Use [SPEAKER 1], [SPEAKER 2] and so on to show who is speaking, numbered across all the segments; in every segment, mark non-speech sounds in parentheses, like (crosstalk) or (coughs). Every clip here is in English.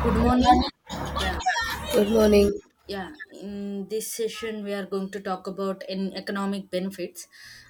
[SPEAKER 1] Good morning. Yeah,
[SPEAKER 2] Good morning.
[SPEAKER 1] in yeah, in this session we are going to talk about in economic benefits.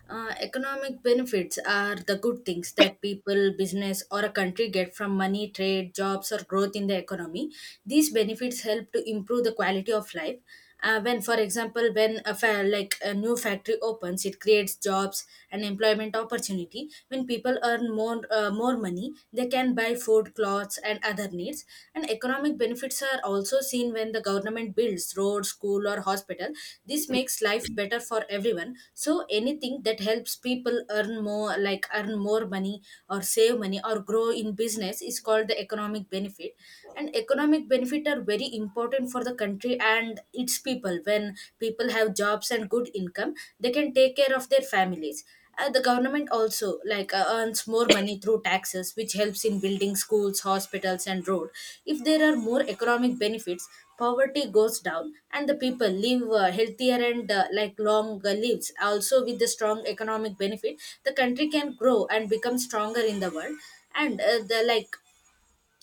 [SPEAKER 1] Economic benefits are the good things that people, business, or a country get from money, trade, jobs, or growth in the economy. These benefits help to improve the quality of life when, for example, when like a new factory opens, it creates jobs and employment opportunity. When people earn more money, they can buy food, clothes, and other needs, and economic benefits are also seen when the government builds road, school, or hospital. This makes life better for everyone. So anything that helps people earn more, like earn more money or save money or grow in business, is called the economic benefit. And economic benefit are very important for the country and its people. When people have jobs and good income, they can take care of their families. The government also earns more money through taxes, which helps in building schools, hospitals, and road. If there are more economic benefits, poverty goes down, and the people live healthier and like long lives. Also, with the strong economic benefit, the country can grow and become stronger in the world. And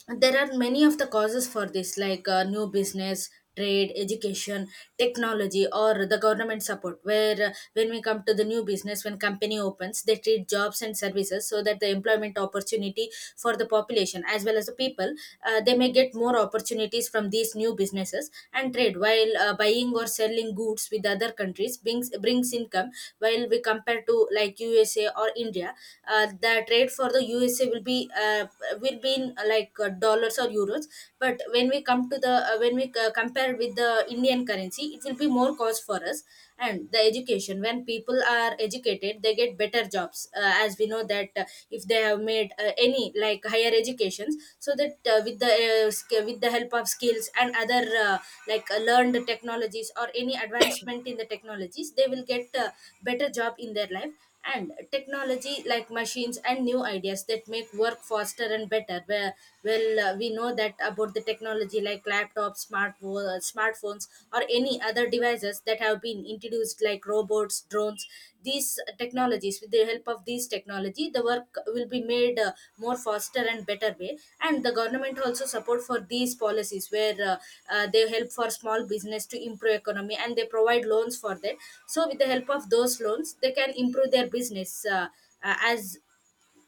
[SPEAKER 1] there are many of the causes for this, like new business, trade, education, technology, or the government support. Where when we come to the new business, when company opens, they treat jobs and services, so that the employment opportunity for the population as well as the people, they may get more opportunities from these new businesses and trade. While buying or selling goods with other countries brings income. While we compare to like USA or India, the trade for the USA will be in like dollars or euros. But when we come to the when we compare with the Indian currency, it will be more cost for us. And the education, when people are educated, they get better jobs. As we know that if they have made any like higher educations, so that with the with the help of skills and other like learned technologies or any advancement in the technologies, they will get better job in their life. And technology, like machines and new ideas that make work faster and better, where well, we know that about the technology like laptops, smartphones or any other devices that have been introduced, like robots, drones. These technologies, with the help of these technology, the work will be made more faster and better way. And the government also support for these policies, where they help for small business to improve economy, and they provide loans for that. So with the help of those loans, they can improve their business uh, as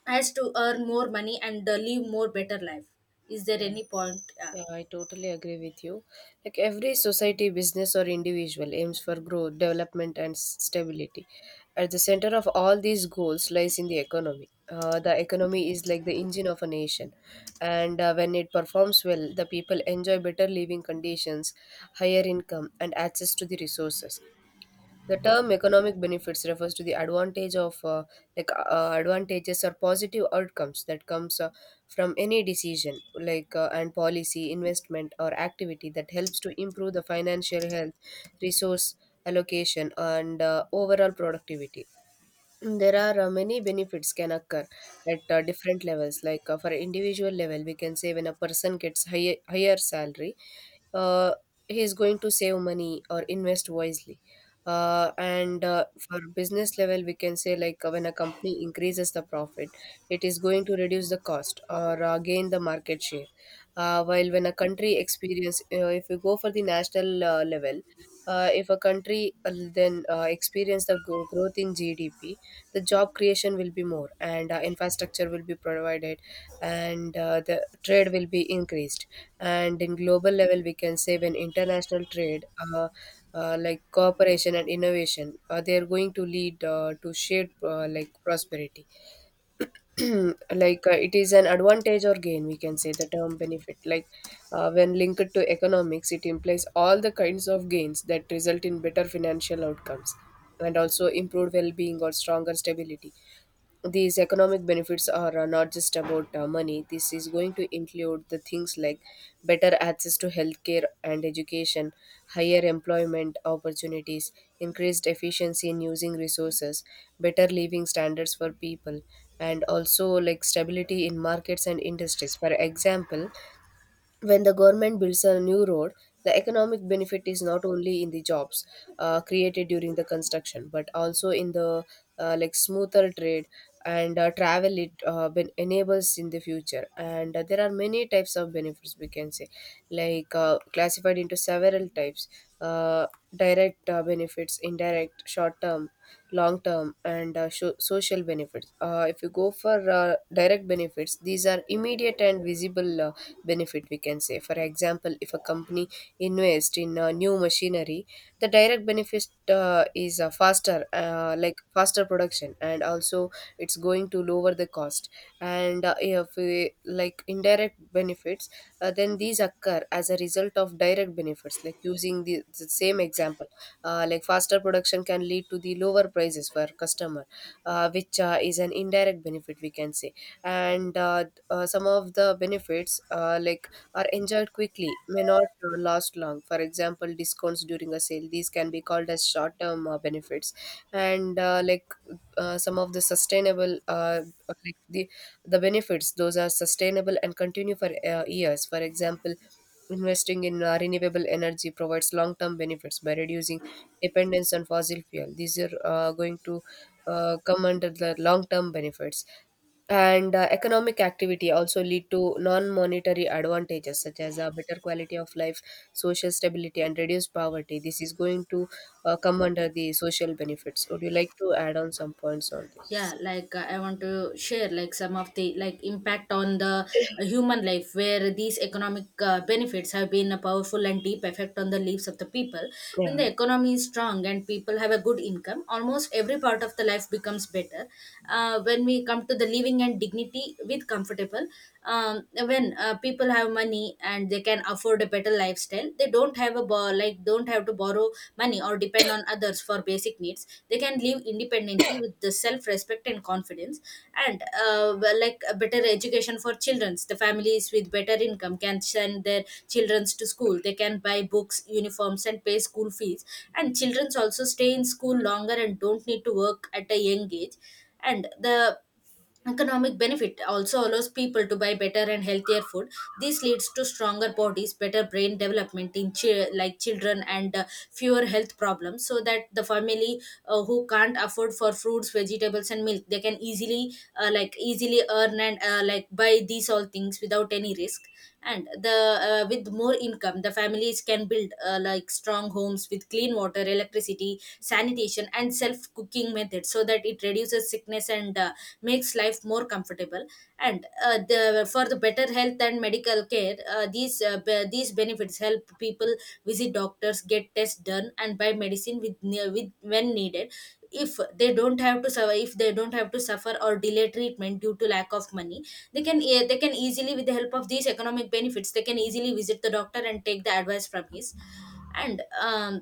[SPEAKER 1] as to earn more money and live more better life. Is there
[SPEAKER 2] Yeah,
[SPEAKER 1] any point?
[SPEAKER 2] yeah, I totally agree with you. Like every society, business, or individual aims for growth, development, and stability. At the center of all these goals lies in the economy. The economy is like the engine of a nation, and when it performs well, the people enjoy better living conditions, higher income, and access to the resources. The term economic benefits refers to the advantage of advantages or positive outcomes that comes from any decision and policy investment or activity that helps to improve the financial health, resource allocation, and overall productivity. There are many benefits can occur at different levels. Like for individual level, we can say when a person gets higher salary, uh, he is going to save money or invest wisely. And For business level, we can say like when a company increases the profit, it is going to reduce the cost or gain the market share. While when a country experience, if you go for the national level, if a country then experience the growth in gdp, the job creation will be more, and infrastructure will be provided, and the trade will be increased. And in global level, we can say when international trade, like cooperation and innovation, they are going to lead to shared prosperity. (clears throat) Like it is an advantage or gain, we can say. The term benefit, like when linked to economics, it implies all the kinds of gains that result in better financial outcomes and also improved well-being or stronger stability. These economic benefits are not just about money. This is going to include the things like better access to healthcare and education, higher employment opportunities, increased efficiency in using resources, better living standards for people, and also like stability in markets and industries. For example, when the government builds a new road, the economic benefit is not only in the jobs created during the construction, but also in the smoother trade and travel it enables in the future. And there are many types of benefits, we can say, classified into several types: uh, direct benefits, indirect, short term, long term, and social benefits. If you go for direct benefits, these are immediate and visible. Benefit, we can say, for example, if a company invests in new machinery, the direct benefit is faster production, and also it's going to lower the cost. And if we, like indirect benefits, then these occur as a result of direct benefits, like using the same example. Like faster production can lead to the lower prices for customer, which is an indirect benefit, we can say. And Some of the benefits, are enjoyed quickly, may not last long. For example, discounts during a sale, these can be called as short term benefits. And like Some of the sustainable, like the the benefits those are sustainable and continue for years. For example, investing in renewable energy provides long term benefits by reducing dependence on fossil fuel. These are going to come under the long term benefits. And economic activity also lead to non-monetary advantages, such as a better quality of life, social stability, and reduced poverty. This is going to come under the social benefits. Would you like to add on some points on this?
[SPEAKER 1] Yeah, like I want to share like some of the like impact on the human life, where these economic benefits have been a powerful and deep effect on the lives of the people. When
[SPEAKER 2] Yeah.
[SPEAKER 1] the economy is strong and people have a good income, almost every part of the life becomes better. When we come to the living and dignity with comfortable, when people have money and they can afford a better lifestyle, they don't have like don't have to borrow money or depend on others for basic needs. They can live independently with the self respect and confidence. And like a better education for children, the families with better income can send their children to school. They can buy books, uniforms, and pay school fees, and children also stay in school longer and don't need to work at a young age. And the economic benefit also allows people to buy better and healthier food. This leads to stronger bodies, better brain development in like children, and fewer health problems. So that the family who can't afford for fruits, vegetables, and milk, they can easily like easily earn and like buy these all things without any risk. And the with more income, the families can build like strong homes with clean water, electricity, sanitation, and self cooking methods, so that it reduces sickness and makes life more comfortable. And for the better health and medical care, these these benefits help people visit doctors, get tests done, and buy medicine with when needed. If they don't have to suffer, or delay treatment due to lack of money, they can easily, with the help of these economic benefits, they can easily visit the doctor and take the advice from his. And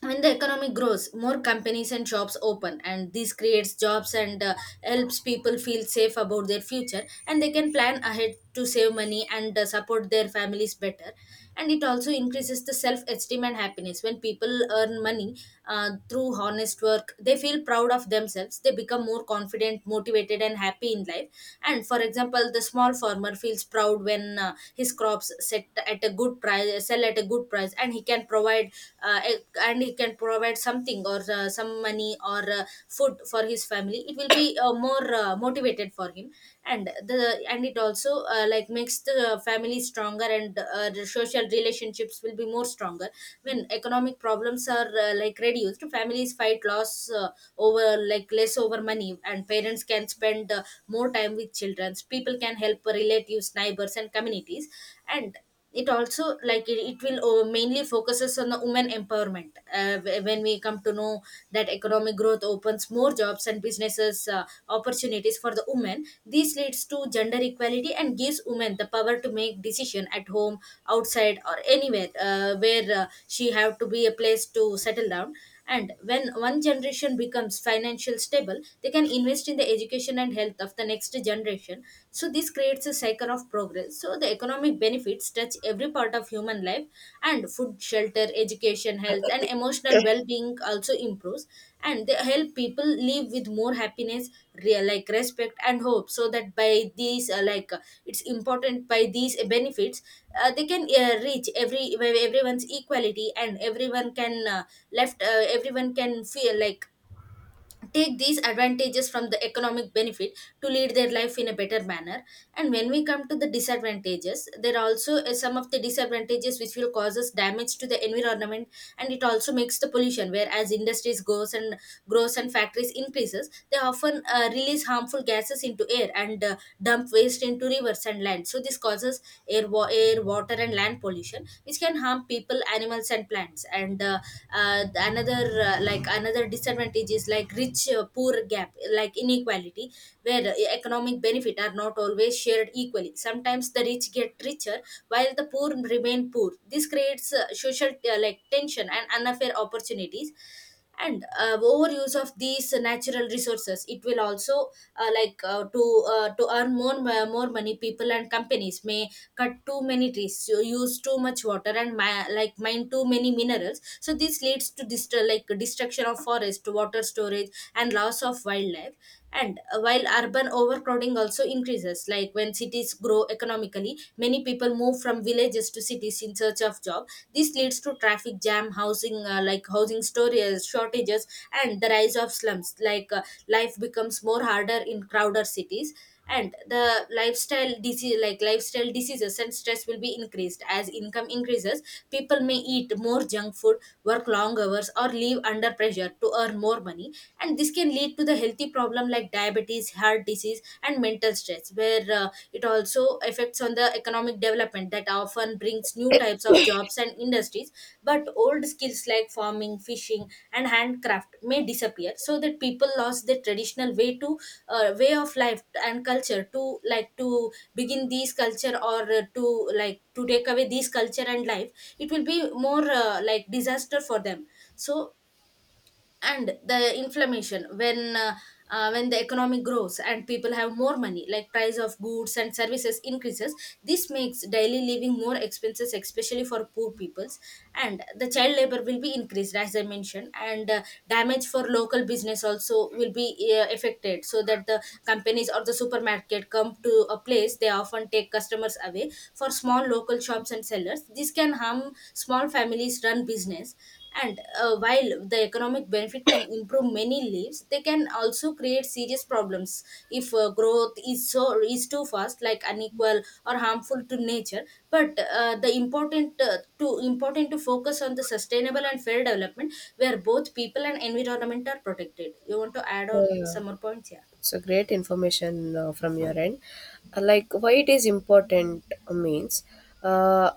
[SPEAKER 1] When the economy grows, more companies and shops open, and this creates jobs and helps people feel safe about their future, and they can plan ahead to save money and support their families better. And it also increases the self esteem and happiness. When people earn money through honest work, they feel proud of themselves. They become more confident, motivated, and happy in life. And for example, the small farmer feels proud when his crops set at a good price sell at a good price, and he can provide uh, a- and he can provide something or some money or food for his family. It will be more motivated for him. And the and it also like makes the family stronger, and the social relationships will be more stronger. When economic problems are like reduced, families fight loss over like less over money, and parents can spend more time with children. People can help relatives, neighbors, and communities. And it also like it will mainly focuses on the women empowerment. When we come to know that economic growth opens more jobs and businesses opportunities for the women, this leads to gender equality and gives women the power to make decision at home, outside, or anywhere where she have to be a place to settle down. And when one generation becomes financial stable, they can invest in the education and health of the next generation. So this creates a cycle of progress. So the economic benefits touch every part of human life, and food, shelter, education, health, and emotional well-being also improves, and they help people live with more happiness, real like respect and hope. So that by these it's important by these benefits, they can reach everyone's equality, and everyone can left everyone can feel like take these advantages from the economic benefit to lead their life in a better manner. And when we come to the disadvantages, there are also some of the disadvantages which will causes damage to the environment, and it also makes the pollution. Where as industries goes and grows and factories increases, they often release harmful gases into air, and dump waste into rivers and land. So this causes air, water, and land pollution, which can harm people, animals, and plants. And uh, uh, the another uh, like another disadvantage is like rich poor gap, like inequality, where economic benefit are not always shared equally. Sometimes the rich get richer while the poor remain poor. This creates social like tension and unfair opportunities. And overuse of these natural resources, it will also uh, like uh, to to earn more money, people and companies may cut too many trees, so use too much water, and like mine too many minerals. So this leads to like destruction of forest, water storage, and loss of wildlife. And while urban overcrowding also increases, like when cities grow economically, many people move from villages to cities in search of job. This leads to traffic jam, housing like housing storage shortages, and the rise of slums. Life becomes more harder in crowded cities. And the lifestyle disease like lifestyle diseases and stress will be increased. As income increases, people may eat more junk food, work long hours, or live under pressure to earn more money. And this can lead to the healthy problem like diabetes, heart disease, and mental stress, where it also affects on the economic development that often brings new
[SPEAKER 2] (coughs)
[SPEAKER 1] types of jobs and industries. But old skills like farming, fishing, and handcraft may disappear, so that people lost their traditional way of life and culture, to like to begin these culture, or to like to take away these culture and life, it will be more like disaster for them. So, and the inflammation, when the economy grows and people have more money, like price of goods and services increases, this makes daily living more expenses, especially for poor peoples. And the child labor will be increased, as I mentioned. And damage for local business also will be affected, so that the companies or the supermarket come to a place, they often take customers away for small local shops and sellers. This can harm small families run business. And while the economic benefit can improve many lives, they can also create serious problems if growth is too fast, like unequal or harmful to nature. But the important to focus on the sustainable and fair development, where both people and environment are protected. You want to add on
[SPEAKER 2] Yeah,
[SPEAKER 1] some more points? Yeah.
[SPEAKER 2] so great information from your end. Like why it is important means uh,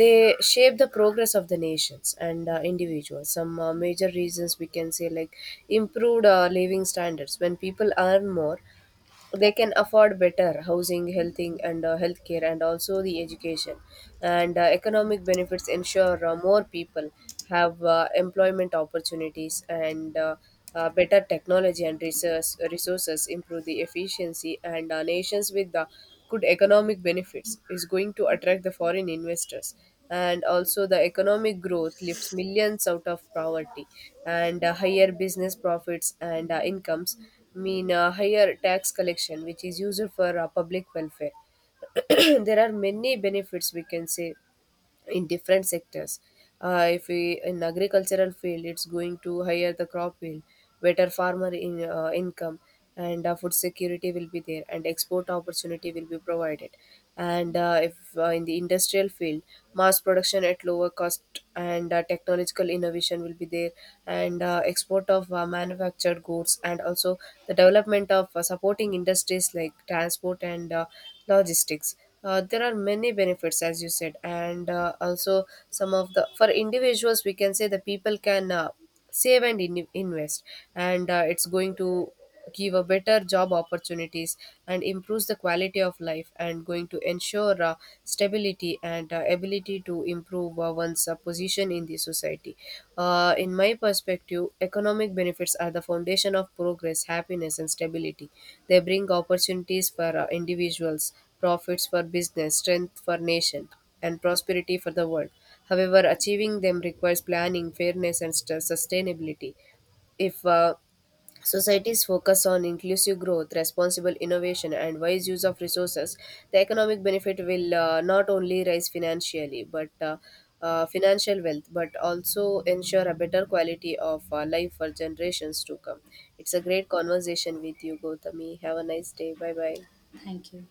[SPEAKER 2] they shape the progress of the nations and individuals. Some major reasons, we can say, like improved living standards. When people earn more, they can afford better housing, healthing, and healthcare, and also the education. And economic benefits ensure more people have employment opportunities, and better technology and resources improve the efficiency. And nations with good economic benefits is going to attract the foreign investors. And also, the economic growth lifts millions out of poverty, and higher business profits and incomes mean higher tax collection, which is used for public welfare. (clears throat) There are many benefits, we can say, in different sectors. If we in agricultural field, it's going to higher the crop yield, better farmer in income, and food security will be there, and export opportunity will be provided. And if in the industrial field, mass production at lower cost, and technological innovation will be there, and export of manufactured goods, and also the development of supporting industries like transport and logistics. There are many benefits, as you said, and also some of the for individuals, we can say the people can save and invest, and it's going to give a better job opportunities and improves the quality of life, and going to ensure stability and ability to improve one's position in the society. In my perspective, economic benefits are the foundation of progress, happiness, and stability. They bring opportunities for individuals, profits for business, strength for nation, and prosperity for the world. However, achieving them requires planning, fairness, and sustainability. If societies focus on inclusive growth, responsible innovation, and wise use of resources, the economic benefit will not only rise financially, but financial wealth, but also ensure a better quality of life for generations to come. It's a great conversation with you, Gautami. Have a nice day. Bye bye.
[SPEAKER 1] Thank you.